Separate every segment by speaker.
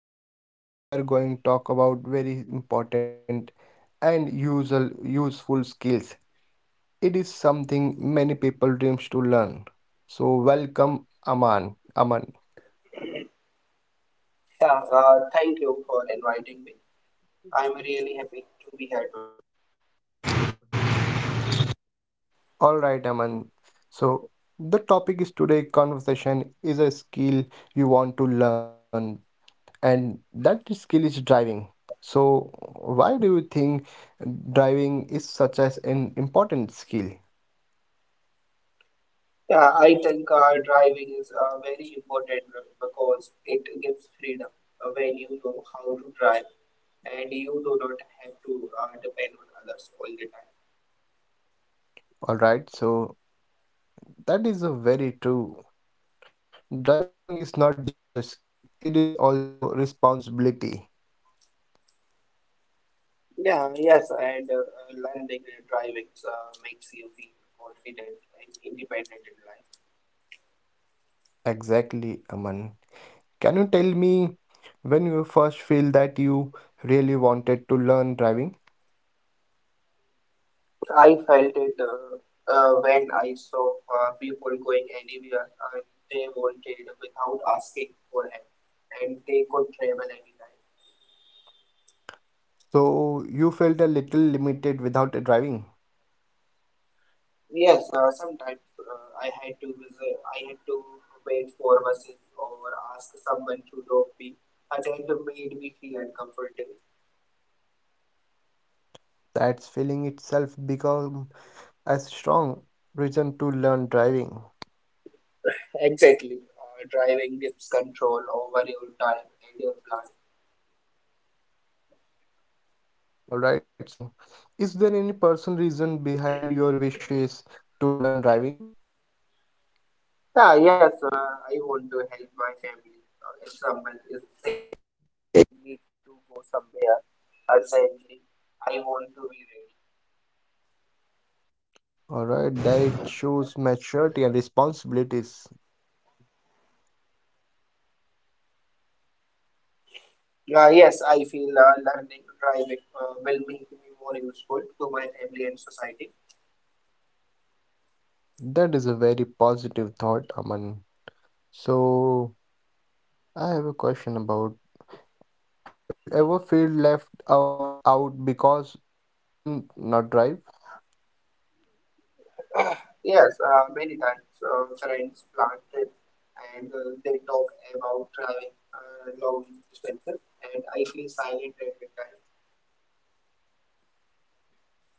Speaker 1: Show. Today we are going to talk about very important and usual useful skills. It is something many people dreams to learn. So welcome Aman. Aman. All right, Aman. So the topic is today conversation is a skill you want to learn, and that skill is driving. So why do you think driving is such as an important skill?
Speaker 2: Yeah, I think driving is very important because it gives freedom when you know how to drive and you do not have to depend on others all the time.
Speaker 1: All right, so that is a very true. Driving is not just a skill, it is also responsibility.
Speaker 2: Yeah, yes, and learning and driving makes you feel confident and independent in life.
Speaker 1: Exactly, Aman. Can you tell me when you first feel that you really wanted to learn driving?
Speaker 2: I felt it when I saw people going anywhere and they wanted without asking for help, and they could travel anytime.
Speaker 1: So you felt a little limited without a driving.
Speaker 2: Yes, sometimes I had to wait for buses or ask someone to drop me. And it made me feel uncomfortable.
Speaker 1: That's feeling itself become a strong reason to learn driving.
Speaker 2: Exactly. Driving gives control over your time and your plan.
Speaker 1: Alright, so is there any personal reason behind your wishes to learn driving?
Speaker 2: Yeah, yes, I want to help my family.
Speaker 1: All right, that shows maturity and responsibilities, Aman.
Speaker 2: Yes, I feel learning driving will make me more useful to my family and society.
Speaker 1: That is a very positive thought, Aman. So, I have a question about, have you ever felt left out because you couldn't not drive?
Speaker 2: Yes, many times friends plan trips and they talk about driving long distances, and I feel silent every time.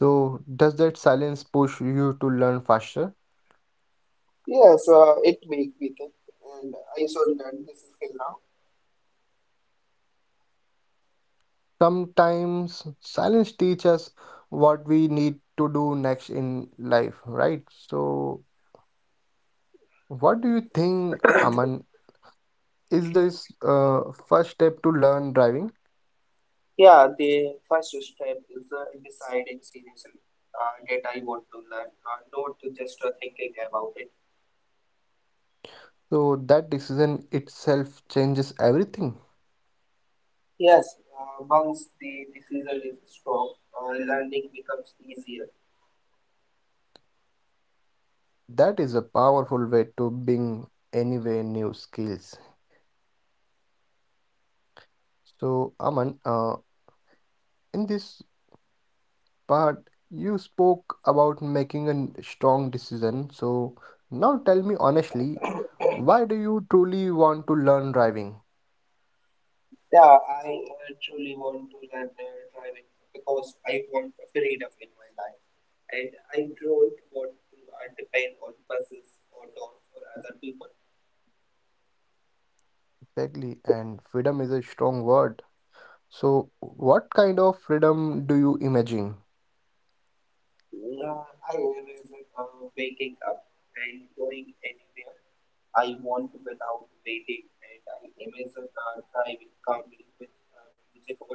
Speaker 1: So, does that silence push you to learn faster?
Speaker 2: Yes, it makes me think, and I saw that this skill now.
Speaker 1: Sometimes silence teaches us what we need to do next in life, right? So, what do you think, Aman? Is this first step to learn driving.
Speaker 2: Yeah, the first step is deciding seriously that I want to learn, not just thinking about it.
Speaker 1: So that decision itself changes everything.
Speaker 2: Yes, once the decision is strong, learning becomes easier.
Speaker 1: That is a powerful way to bring anyway new skills. So Aman, in this part, you spoke about making a strong decision. So now tell me honestly, why do you truly want to learn driving?
Speaker 2: Yeah, I truly want to learn driving because I want freedom in my life, and I don't want to depend on buses or dogs or other people.
Speaker 1: Exactly, and freedom is a strong word. So what kind of freedom do you imagine?
Speaker 2: I always waking up and going anywhere I want without waiting, and I imagine driving calmly with music or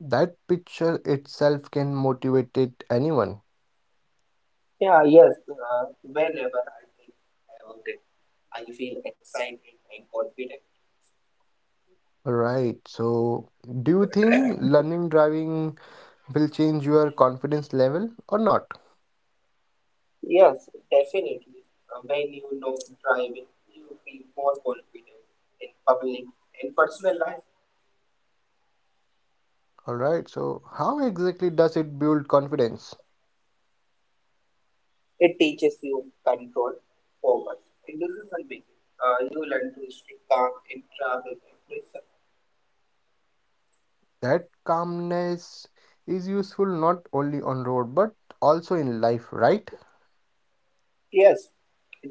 Speaker 1: That picture itself can motivate it anyone.
Speaker 2: Yeah, yes. Whenever I think about it, I feel excited and confident.
Speaker 1: Right. So, do you think learning driving will change your confidence level or not?
Speaker 2: Yes, definitely. When you know driving, you feel more confident in public and personal life.
Speaker 1: All right. So, how exactly does it build confidence?
Speaker 2: It teaches you control, focus, and decision making. You learn to stay calm in traffic and pressure.
Speaker 1: That calmness is useful not only on road but also in life, right?
Speaker 2: Yes,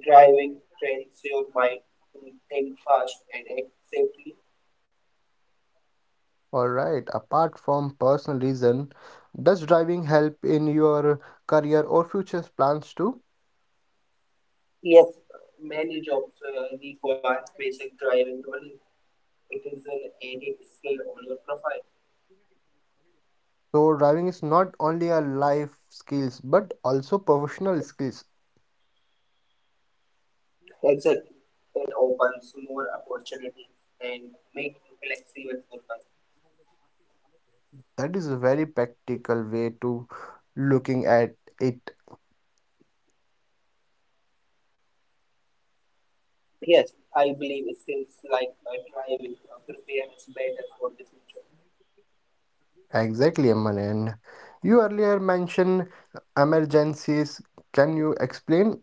Speaker 2: driving trains your mind to think fast and act safely.
Speaker 1: All right. Apart from personal reason, does driving help in your career or future plans too?
Speaker 2: Yes, many jobs require basic driving knowledge. It is an added skill on your profile.
Speaker 1: So driving is not only a life skills but also professional skills.
Speaker 2: Exactly. It opens more opportunities and makes you flexible for life.
Speaker 1: That is a very practical way to looking at it.
Speaker 2: Yes, I believe skills like driving prepare us better for the future.
Speaker 1: Exactly, Aman. And you earlier mentioned emergencies. Can you explain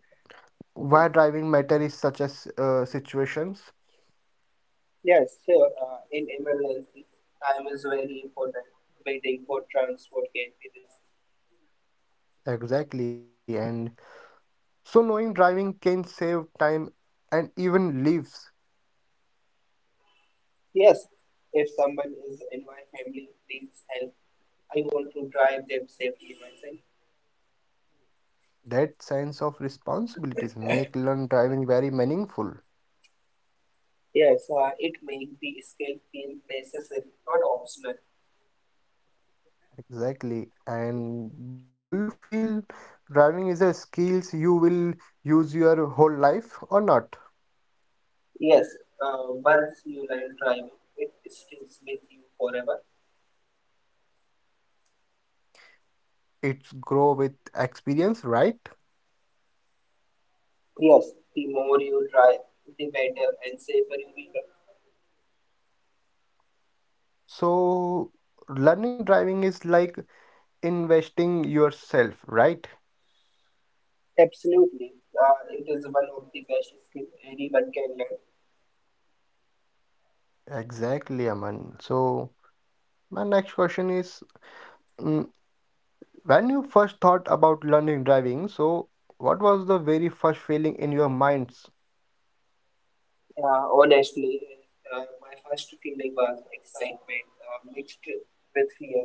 Speaker 1: why driving matter is such as situations?
Speaker 2: Yes, sure. In emergency, time is very important. Waiting for transport can be risky.
Speaker 1: Exactly. And so knowing driving can save time and even lives.
Speaker 2: Yes, if someone is in my family needs help, I want to drive them safely myself.
Speaker 1: That sense of responsibilities make learn driving very meaningful.
Speaker 2: Yes, it make the escape feel necessary, not optional.
Speaker 1: Exactly. And do you feel driving is a skills you will use your whole life or not?
Speaker 2: Yes. Once you learn driving, it sticks with you forever.
Speaker 1: It's grow with experience, right?
Speaker 2: Yes. The more you drive, the better and safer you become.
Speaker 1: So learning driving is like investing yourself, right?
Speaker 2: Absolutely. It is one of the best skills anyone can learn.
Speaker 1: Exactly, Aman. So my next question is, mm, when you first thought about learning driving, so what was the very first feeling in your minds?
Speaker 2: Honestly, my first feeling was excitement mixed with fear.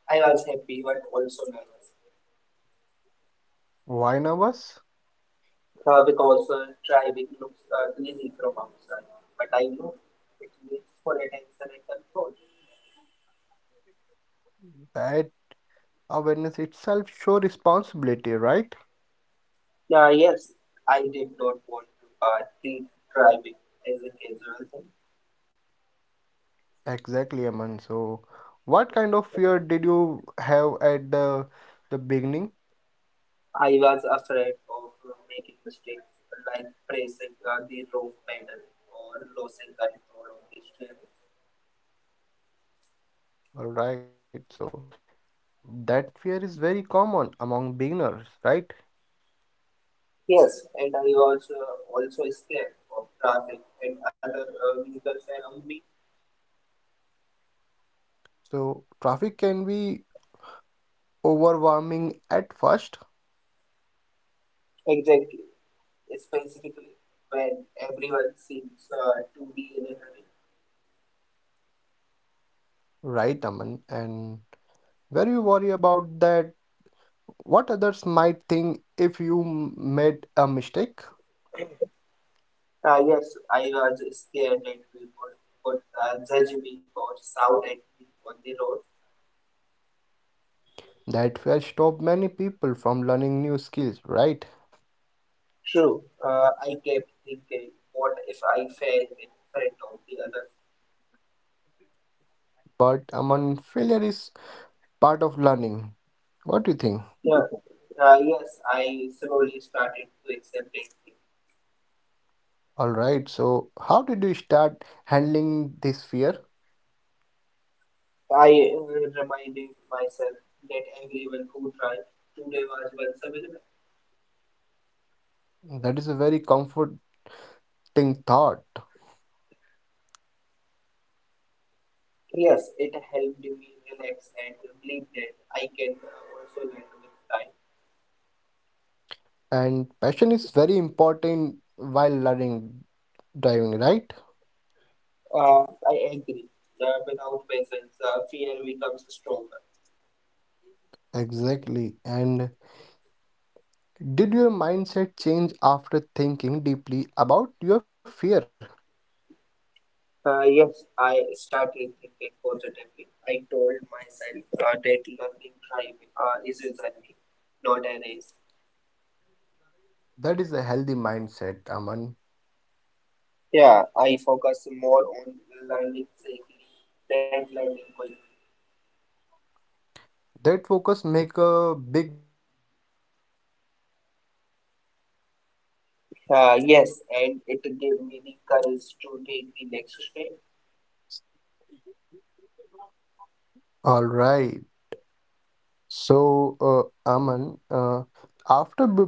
Speaker 2: I was happy but also nervous.
Speaker 1: Why nervous?
Speaker 2: Because also driving looks ugly from outside, but I know it needs for attention and control.
Speaker 1: That awareness itself show responsibility, right?
Speaker 2: Yeah, yes, I did not want to treat driving as a casual thing.
Speaker 1: Exactly, Aman. So, what kind of fear did you have at the beginning?
Speaker 2: I was afraid of making mistakes like pressing the wrong pedal or losing control of the steering.
Speaker 1: All right. So, that fear is very common among beginners, right?
Speaker 2: Yes, and I was also scared of traffic and other vehicles around me.
Speaker 1: So, traffic can be overwhelming at first,
Speaker 2: Exactly. Specifically when everyone seems to be in a hurry.
Speaker 1: right, Aman? And where you worry about that, what others might think if you made a mistake.
Speaker 2: Yes, I was scared that people would judge me or shout at me on the road.
Speaker 1: That fear stopped many people from learning new skills, right?
Speaker 2: True, I kept thinking, what if I fail in front of the others?
Speaker 1: But Aman, failure is part of learning. What do you think?
Speaker 2: Yeah. Yes, I slowly started to accept it.
Speaker 1: All right. So, how did you start handling this fear?
Speaker 2: I reminded myself that everyone who tried today was once a winner.
Speaker 1: That is a very comforting thought.
Speaker 2: Yes, it helped me relax and believe that I can also learn with time.
Speaker 1: And passion is very important while learning driving, right?
Speaker 2: I agree. Without patience, fear becomes stronger.
Speaker 1: Exactly. And did your mindset change after thinking deeply about your fear?
Speaker 2: Yes, I started thinking positively. I told myself that learning drive is a journey, not a race.
Speaker 1: That is a healthy mindset, Aman.
Speaker 2: Yeah, I focus more on learning safely than learning quickly.
Speaker 1: That focus make a big
Speaker 2: Yes, and it gave me the courage to take the next step.
Speaker 3: All right. So, uh, Aman, after b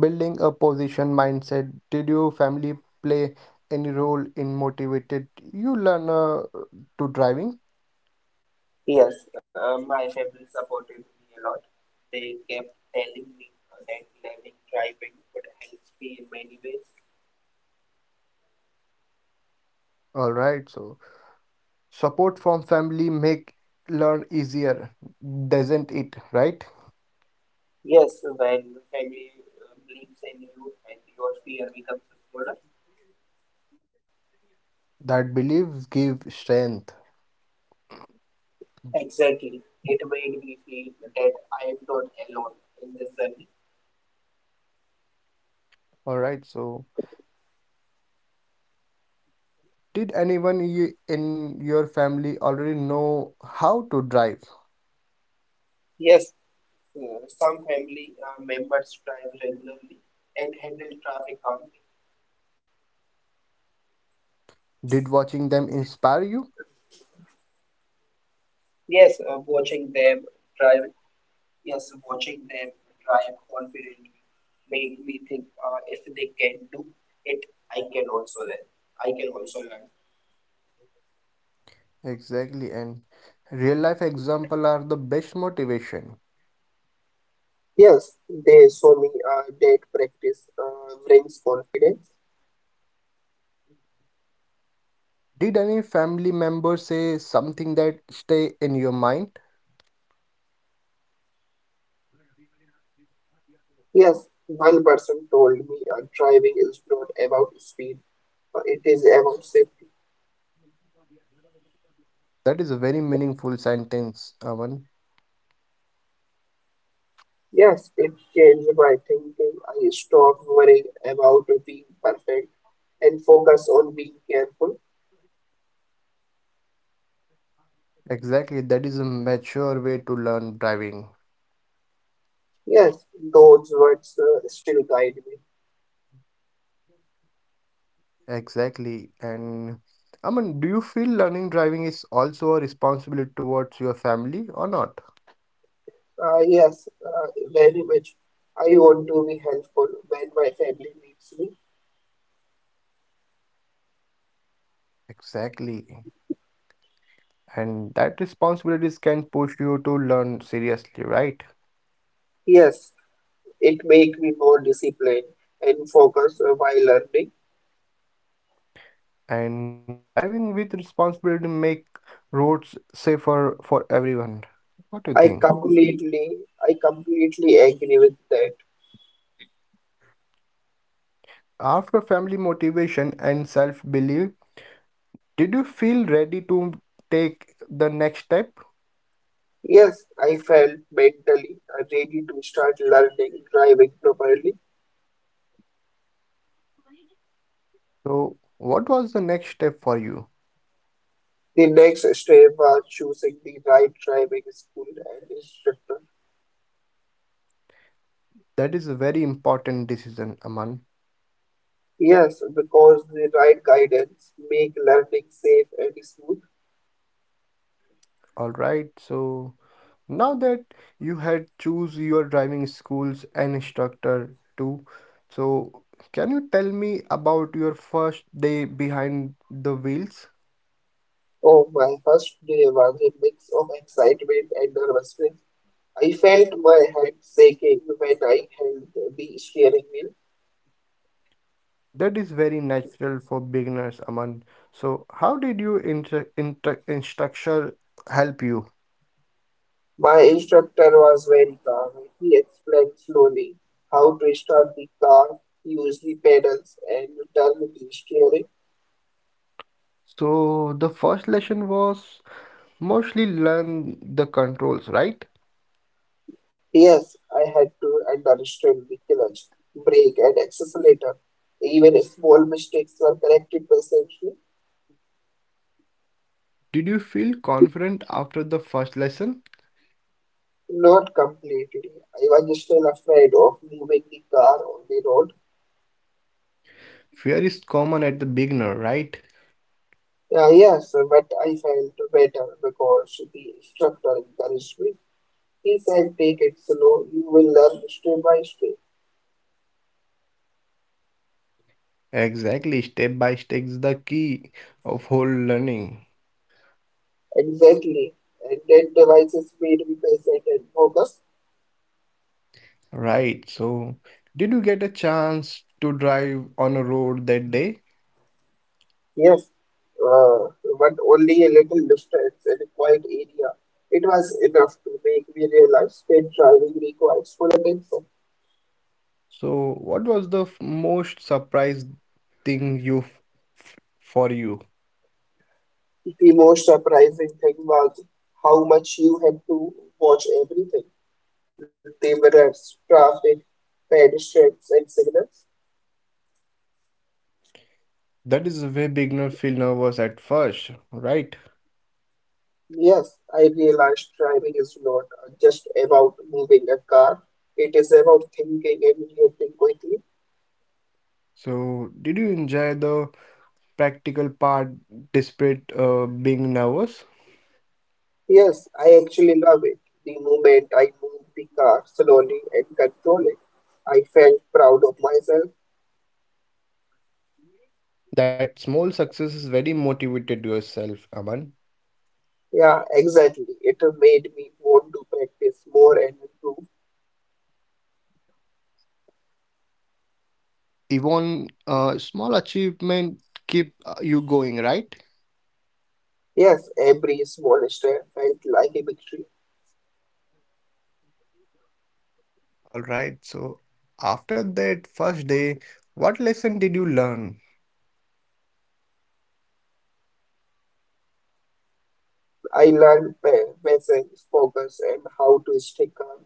Speaker 3: building a position mindset, did your family play any role in motivated you learner to driving?
Speaker 2: Yes, my family supported me a lot. They kept telling me that learning driving would help me in many ways.
Speaker 3: All right. So, support from family make learn easier, doesn't it? Right?
Speaker 2: Yes, when family believes in you and your fear becomes a burden.
Speaker 3: That beliefs give strength.
Speaker 2: Exactly. It made me feel that I am not alone in this journey.
Speaker 3: All right. So, did in your family already know how to drive?
Speaker 2: Yes, some family members drive regularly and handle traffic calmly.
Speaker 3: Did watching them inspire you?
Speaker 2: Yes, watching them drive Yes, watching them drive confident made me think if they can do it, I can also learn. I can also learn.
Speaker 3: Exactly, and real life example are the best motivation.
Speaker 2: Yes, they show me that practice brings confidence.
Speaker 3: Did any family member say something that stay in your mind?
Speaker 2: Yes, one person told me driving is not about speed, it is about safety.
Speaker 3: That is a very meaningful sentence, Avan.
Speaker 2: Yes, it changed my thinking. I stopped worrying about being perfect and focus on being careful.
Speaker 3: Exactly, that is a mature way to learn driving.
Speaker 2: Yes, those words still guide me.
Speaker 3: Exactly, and Aman, do you feel learning driving is also a responsibility towards your family or not?
Speaker 2: Yes, very much. I want to be helpful when my family needs me.
Speaker 3: Exactly, and that responsibilities can push you to learn seriously, right?
Speaker 2: Yes, it make me more disciplined and focused while learning.
Speaker 3: And driving with responsibility make roads safer for everyone. What do you think?
Speaker 2: I completely, I completely agree with that.
Speaker 3: After family motivation and self-belief, did you feel ready to take the next step?
Speaker 2: Yes, I felt mentally ready to start learning driving properly.
Speaker 3: So, what was the next step for you?
Speaker 2: The next step was choosing the right driving school and instructor.
Speaker 3: That is a very important decision, Aman.
Speaker 2: Yes, because the right guidance make learning safe and smooth.
Speaker 3: All right, so now that you had choose your driving schools and instructor too, so can you tell me about your first day behind the wheels?
Speaker 2: Oh, my first day was a mix of excitement and nervousness. I felt my head shaking when I held the steering wheel.
Speaker 3: That is very natural for beginners, Aman. So, how did your instructor help you?
Speaker 2: My instructor was very calm. He explained slowly how to start the car, use the pedals, and turn the steering.
Speaker 3: So, the first lesson was mostly learn the controls, right?
Speaker 2: Yes, I had to understand the clutch, brake, and accelerator. Even small mistakes were corrected by safety.
Speaker 3: Did you feel confident after the first lesson?
Speaker 2: Not completely. I was still afraid of moving the car on the road.
Speaker 3: Fear is common at the beginner, right?
Speaker 2: Yes, but I felt better because the instructor encouraged me. He said, take it slow, you will learn step by step.
Speaker 3: Exactly, step by step is the key of whole learning,
Speaker 2: Exactly. And that devices made me patient and focused.
Speaker 3: right? So, did you get a chance to drive on a road that day?
Speaker 2: Yes, uh, but only a little distance in a quiet area. It was enough to make me realize that driving requires full attention.
Speaker 3: So, what was the most surprising thing for you?
Speaker 2: The most surprising thing was how much you had to watch everything. The mirrors, traffic, pedestrians, and signals.
Speaker 3: That is where beginner feel nervous at first, right?
Speaker 2: Yes, I realized driving is not just about moving a car. It is about thinking and reacting quickly.
Speaker 3: So, did you enjoy the practical part despite being nervous?
Speaker 2: Yes, I actually love it. The moment I moved the car slowly and controlled it, I felt proud of myself.
Speaker 3: That small success is very motivated yourself, Aman.
Speaker 2: Yeah, exactly. It made me want to practice more and improve.
Speaker 3: Even small achievement keep you going, right?
Speaker 2: Yes, every small step felt like a victory.
Speaker 3: All right. So, after that first day, what lesson did you learn?
Speaker 2: I learned patience, focus, and how to stay calm.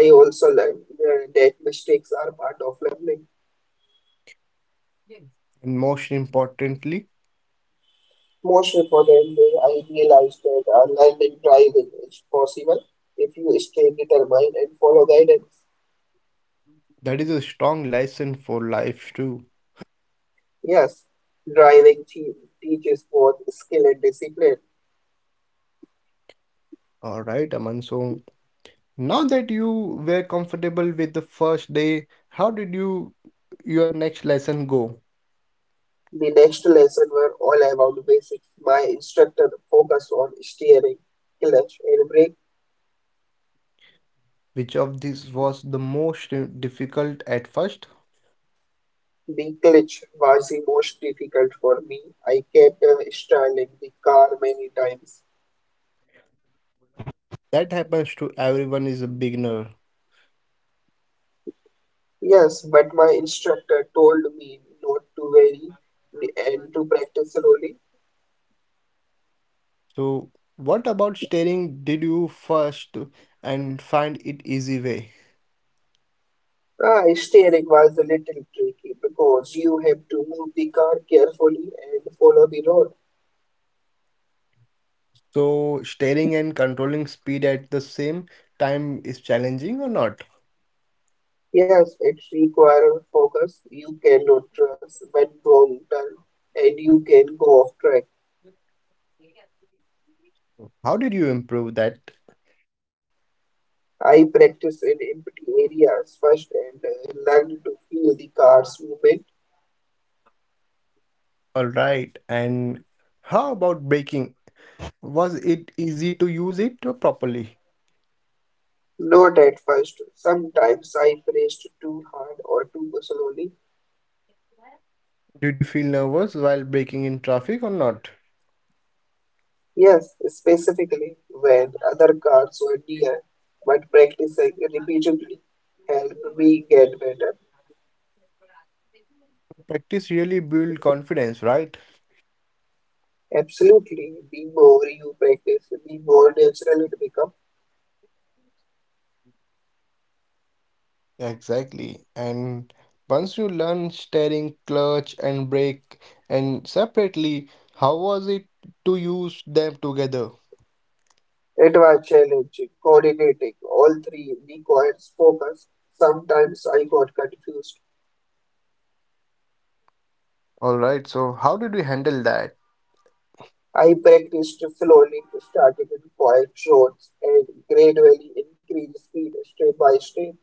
Speaker 2: I also learned that mistakes are part of learning.
Speaker 3: And most importantly,
Speaker 2: Most importantly, I realized that learning driving is possible if you stay determined and follow guidance.
Speaker 3: that is a strong lesson for life too.
Speaker 2: Yes, driving teaches both skill and discipline.
Speaker 3: All right, Aman. So now that you were comfortable with the first day, how did you your next lesson go?
Speaker 2: The next lesson were all about basics. My instructor focused on steering, clutch, and brake.
Speaker 3: Which of these was the most difficult at first?
Speaker 2: The glitch was the most difficult for me. I kept stalling the car many times.
Speaker 3: That happens to everyone is a beginner.
Speaker 2: Yes, but my instructor told me not to worry and to practice slowly.
Speaker 3: So what about staring did you first and find it easy way?
Speaker 2: Ah, steering was a little tricky because you have to move the car carefully and follow the road.
Speaker 3: So staring and controlling speed at the same time is challenging or not?
Speaker 2: Yes, it requires focus. You cannot trust when wrong turn and you can go off track.
Speaker 3: How did you improve that?
Speaker 2: I practiced in empty areas first and learned to feel the car's movement.
Speaker 3: All right. And how about baking? Was it easy to use it properly?
Speaker 2: Not at first. Sometimes I braced too hard or too slowly.
Speaker 3: Did you feel nervous while braking in traffic or not?
Speaker 2: Yes, specifically when other cars were near. But practicing repeatedly helped me get better.
Speaker 3: Practice really build confidence, right?
Speaker 2: Absolutely. The more you practice, the more natural it becomes.
Speaker 3: Exactly. And once you learn steering, clutch, and brake, and separately, how was it to use them together?
Speaker 2: It was challenging, coordinating all three requires focus. Sometimes I got confused.
Speaker 3: All right, so how did we handle that?
Speaker 2: I practiced slowly, started in quiet zones and gradually increased speed step by step.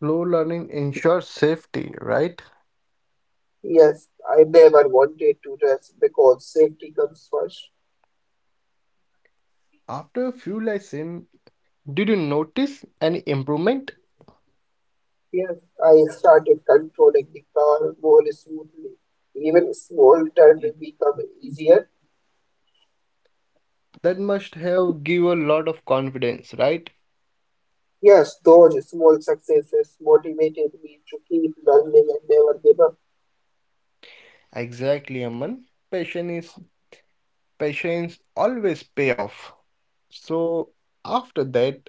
Speaker 3: Slow learning ensures safety, right?
Speaker 2: Yes, I never wanted to rest because safety comes first.
Speaker 3: After a few lessons, did you notice any improvement?
Speaker 2: Yes, I started controlling the car more smoothly. Even small turns become easier.
Speaker 3: That must have give a lot of confidence, right?
Speaker 2: Yes, those small successes motivated me to keep learning and never give up.
Speaker 3: Exactly, Aman. Passion is patience always pay off. So after that,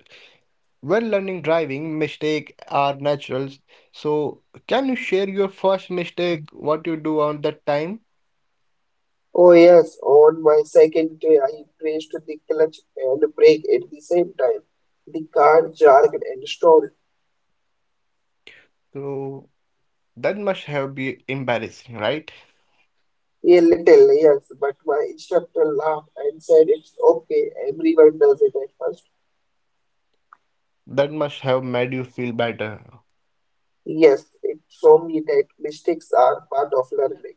Speaker 3: when learning driving, mistake are natural. So can you share your first mistake, what you do on that time?
Speaker 2: Oh yes, on my second day I pressed the clutch and brake at the same time. The car jerked and stalled
Speaker 3: So that must have be embarrassing, right?
Speaker 2: a little, yes, but my instructor laughed and said it's okay, everyone does it at first.
Speaker 3: That must have made you feel better.
Speaker 2: Yes, it showed me that mistakes are part of learning.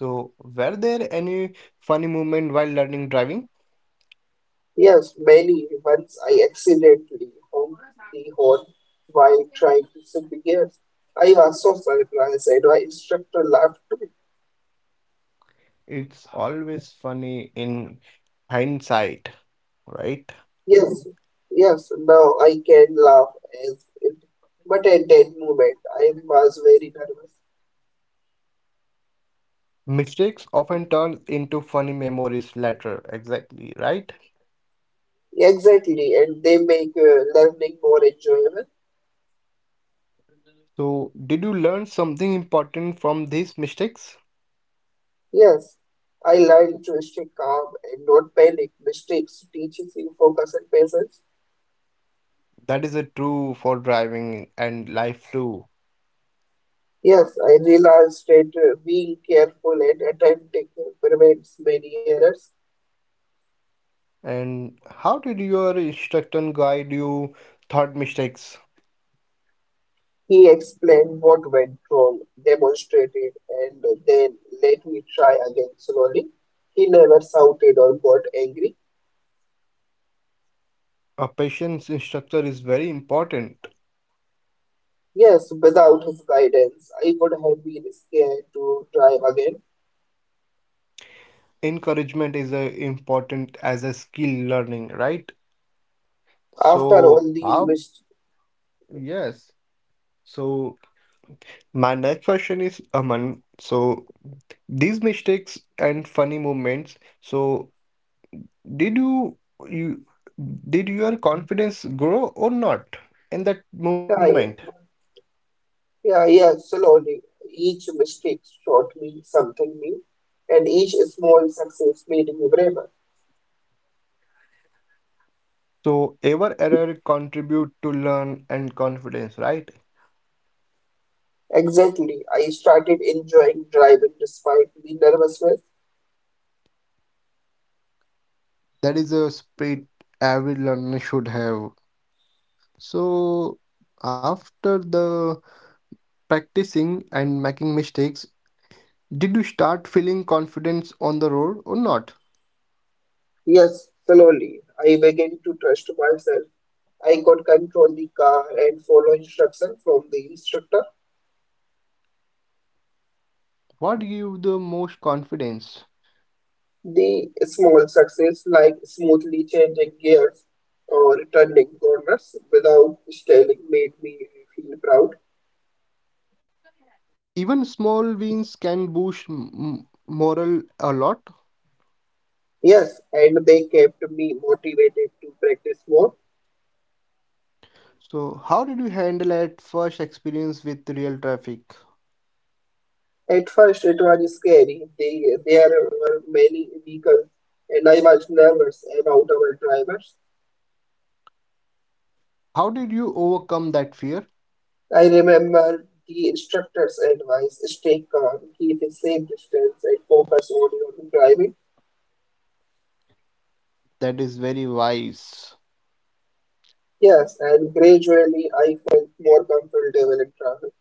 Speaker 3: So were there any funny moment while learning driving?
Speaker 2: Yes, many once I accidentally honked the horn while trying to shift gears. I was so surprised and my instructor laughed too.
Speaker 3: It's always funny in hindsight, right?
Speaker 2: Yes, yes, now I can laugh as it, but at that moment I was very nervous.
Speaker 3: Mistakes often turn into funny memories later, exactly, right?
Speaker 2: Exactly, and they make learning more enjoyable.
Speaker 3: So, did you learn something important from these mistakes?
Speaker 2: Yes, I learned to stay calm and not panic. Mistakes teaches you focus and patience.
Speaker 3: That is a true for driving and life too.
Speaker 2: Yes, I realized that being careful and attentive prevents many errors.
Speaker 3: And how did your instructor guide you thought mistakes?
Speaker 2: He explained what went wrong, demonstrated, and then let me try again slowly. He never shouted or got angry.
Speaker 3: A patience instructor is very important.
Speaker 2: Yes, without his guidance, I would have been scared to try again.
Speaker 3: Encouragement is important as a skill learning, right?
Speaker 2: After
Speaker 3: So,
Speaker 2: all these
Speaker 3: how?
Speaker 2: mistakes,
Speaker 3: Yes. So my next question is Aman. So these mistakes and funny moments. So did you you did your confidence grow or not in that moment?
Speaker 2: yeah, yeah, slowly, each mistake taught me something new, and each small success made me braver.
Speaker 3: So ever error contribute to learn and confidence, right?
Speaker 2: Exactly, I started enjoying driving despite the nervousness.
Speaker 3: That is a spirit every learner should have. So after the practicing and making mistakes, did you start feeling confidence on the road or not?
Speaker 2: Yes, slowly. I began to trust myself. I could control the car and follow instruction from the instructor.
Speaker 3: What give you the most confidence?
Speaker 2: The small success, like smoothly changing gears or turning corners without stalling, made me feel proud.
Speaker 3: Even small wins can boost morale a lot.
Speaker 2: Yes, and they kept me motivated to practice more.
Speaker 3: So, how did you handle at first experience with real traffic?
Speaker 2: At first, it was scary. There were many vehicles, and I was nervous about our drivers.
Speaker 3: How did you overcome that fear?
Speaker 2: I remember the instructor's advice, stay calm, keep a safe distance, and focus only on driving.
Speaker 3: That is very wise.
Speaker 2: Yes, and gradually I felt more comfortable in travel.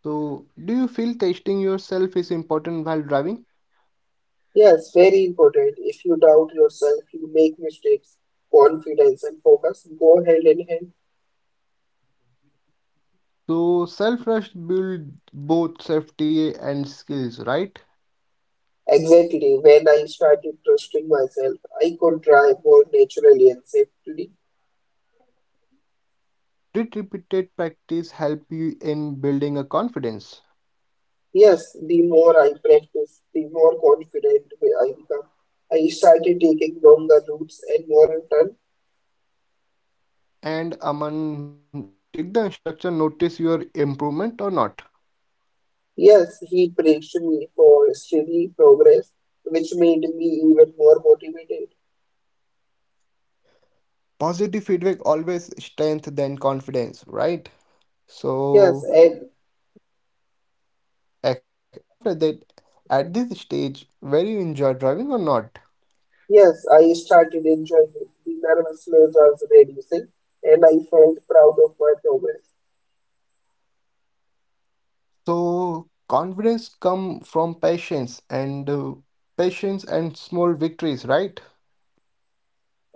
Speaker 3: So, do you feel testing yourself is important while driving?
Speaker 2: Yes, very important. If you doubt yourself, you make mistakes. Confidence and focus go hand in hand.
Speaker 3: So, self-trust build both safety and skills, right?
Speaker 2: Exactly, when I started trusting myself, I could drive more naturally and safely.
Speaker 3: Did repeated practice help you in building a confidence?
Speaker 2: Yes, the more I practice, the more confident I become. I started taking longer routes and more return.
Speaker 3: And Aman, did the instructor notice your improvement or not?
Speaker 2: Yes, he praised me for steady progress, which made me even more motivated.
Speaker 3: Positive feedback always strength then confidence, right?
Speaker 2: Yes,
Speaker 3: So
Speaker 2: and
Speaker 3: after that, at this stage, where you enjoy driving or not?
Speaker 2: yes, I started enjoying it. The nervousness was reducing, and I felt proud of my progress.
Speaker 3: So confidence come from patience and patience and small victories, right?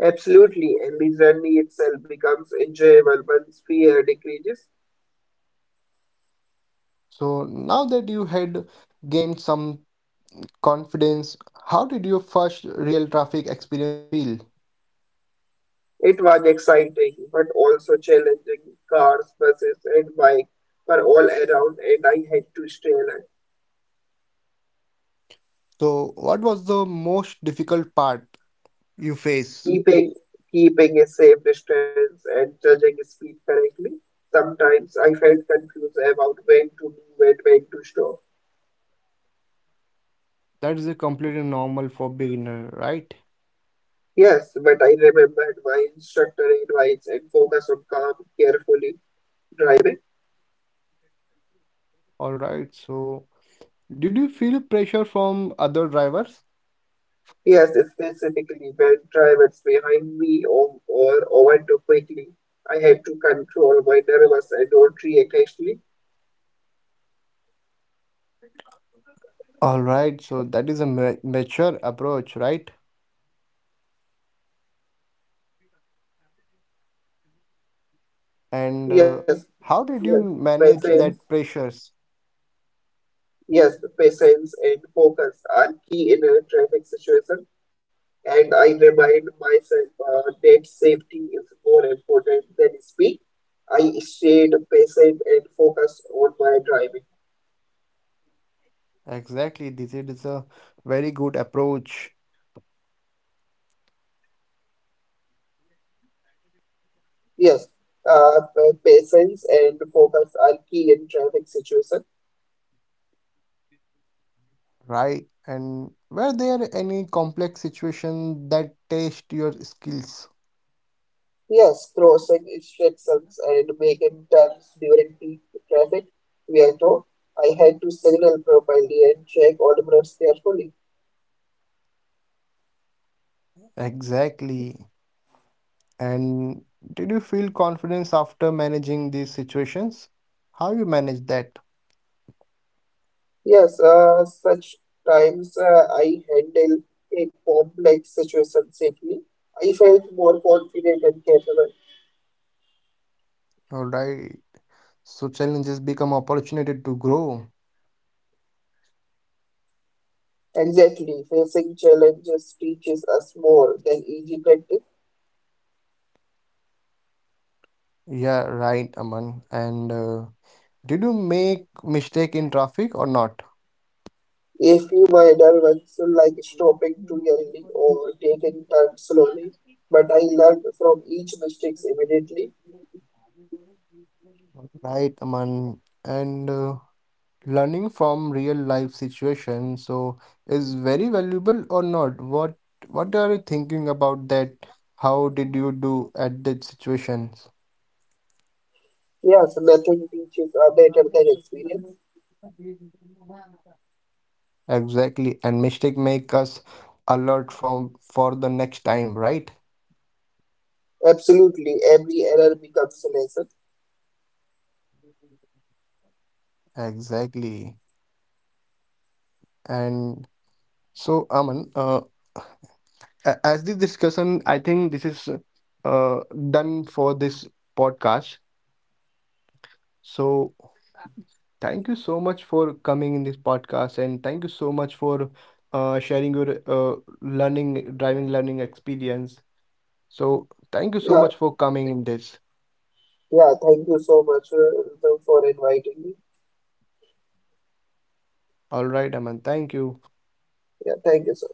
Speaker 2: Absolutely, and the journey itself becomes enjoyable once fear decreases.
Speaker 3: So now that you had gained some confidence, how did your first real traffic experience feel?
Speaker 2: It was exciting, but also challenging. Cars, buses, and bikes were all around, and I had to stay alert,
Speaker 3: So, what was the most difficult part you face?
Speaker 2: keeping keeping a safe distance and judging speed correctly. Sometimes I felt confused about when to move and when to stop.
Speaker 3: That is a completely normal for beginner, right?
Speaker 2: Yes, but I remembered my instructor advice and focused on calm, carefully driving.
Speaker 3: All right. So, did you feel pressure from other drivers?
Speaker 2: Yes, specifically when drivers behind me or over quickly. I have to control my nervous and don't react actually.
Speaker 1: all right, so that is a mature approach, right? And
Speaker 2: Yes,
Speaker 1: how
Speaker 2: yes,
Speaker 1: did you
Speaker 2: patience.
Speaker 1: manage that pressures?
Speaker 2: Yes, patience and focus are key in a traffic situation. And I remind myself that safety is more important than speed. I stayed patient and focused on my driving.
Speaker 1: Exactly, this is a very good approach,
Speaker 2: Yes, patience and focus are key in traffic situation.
Speaker 1: right? And were there any complex situation that test your skills?
Speaker 2: Yes, crossing instructions and making turns during peak traffic, Vieto. I had to signal properly and check all roads carefully.
Speaker 1: Exactly. And did you feel confidence after managing these situations? How you manage that?
Speaker 2: Yes, such times I handle a complex situation safely. I felt more confident and capable.
Speaker 1: All right. So challenges become opportunity to grow.
Speaker 2: Exactly, facing challenges teaches us more than easy practice.
Speaker 1: Yeah, right, Aman. And did you make mistake in traffic or not?
Speaker 2: If you mind, I once like stopping too early or taking time slowly, but I learned from each mistake immediately.
Speaker 1: Right, Aman. And learning from real life situation, so is very valuable or not? What are you thinking about that? How did you do at that situations?
Speaker 2: Yes, nothing teaches are better than experience.
Speaker 1: Exactly, and mistake make us alert from for the next time, right?
Speaker 2: Absolutely, every error becomes a lesson.
Speaker 1: Exactly. And so, Aman, as the discussion, I think this is uh, done for this podcast. So, thank you so much for coming in this podcast, and thank you so much for sharing your uh, learning, driving learning experience. So, thank you so
Speaker 2: Yeah,
Speaker 1: much for coming in this.
Speaker 2: yeah, thank you so much for inviting me.
Speaker 1: All right, Aman. Thank you.
Speaker 2: Yeah, thank you so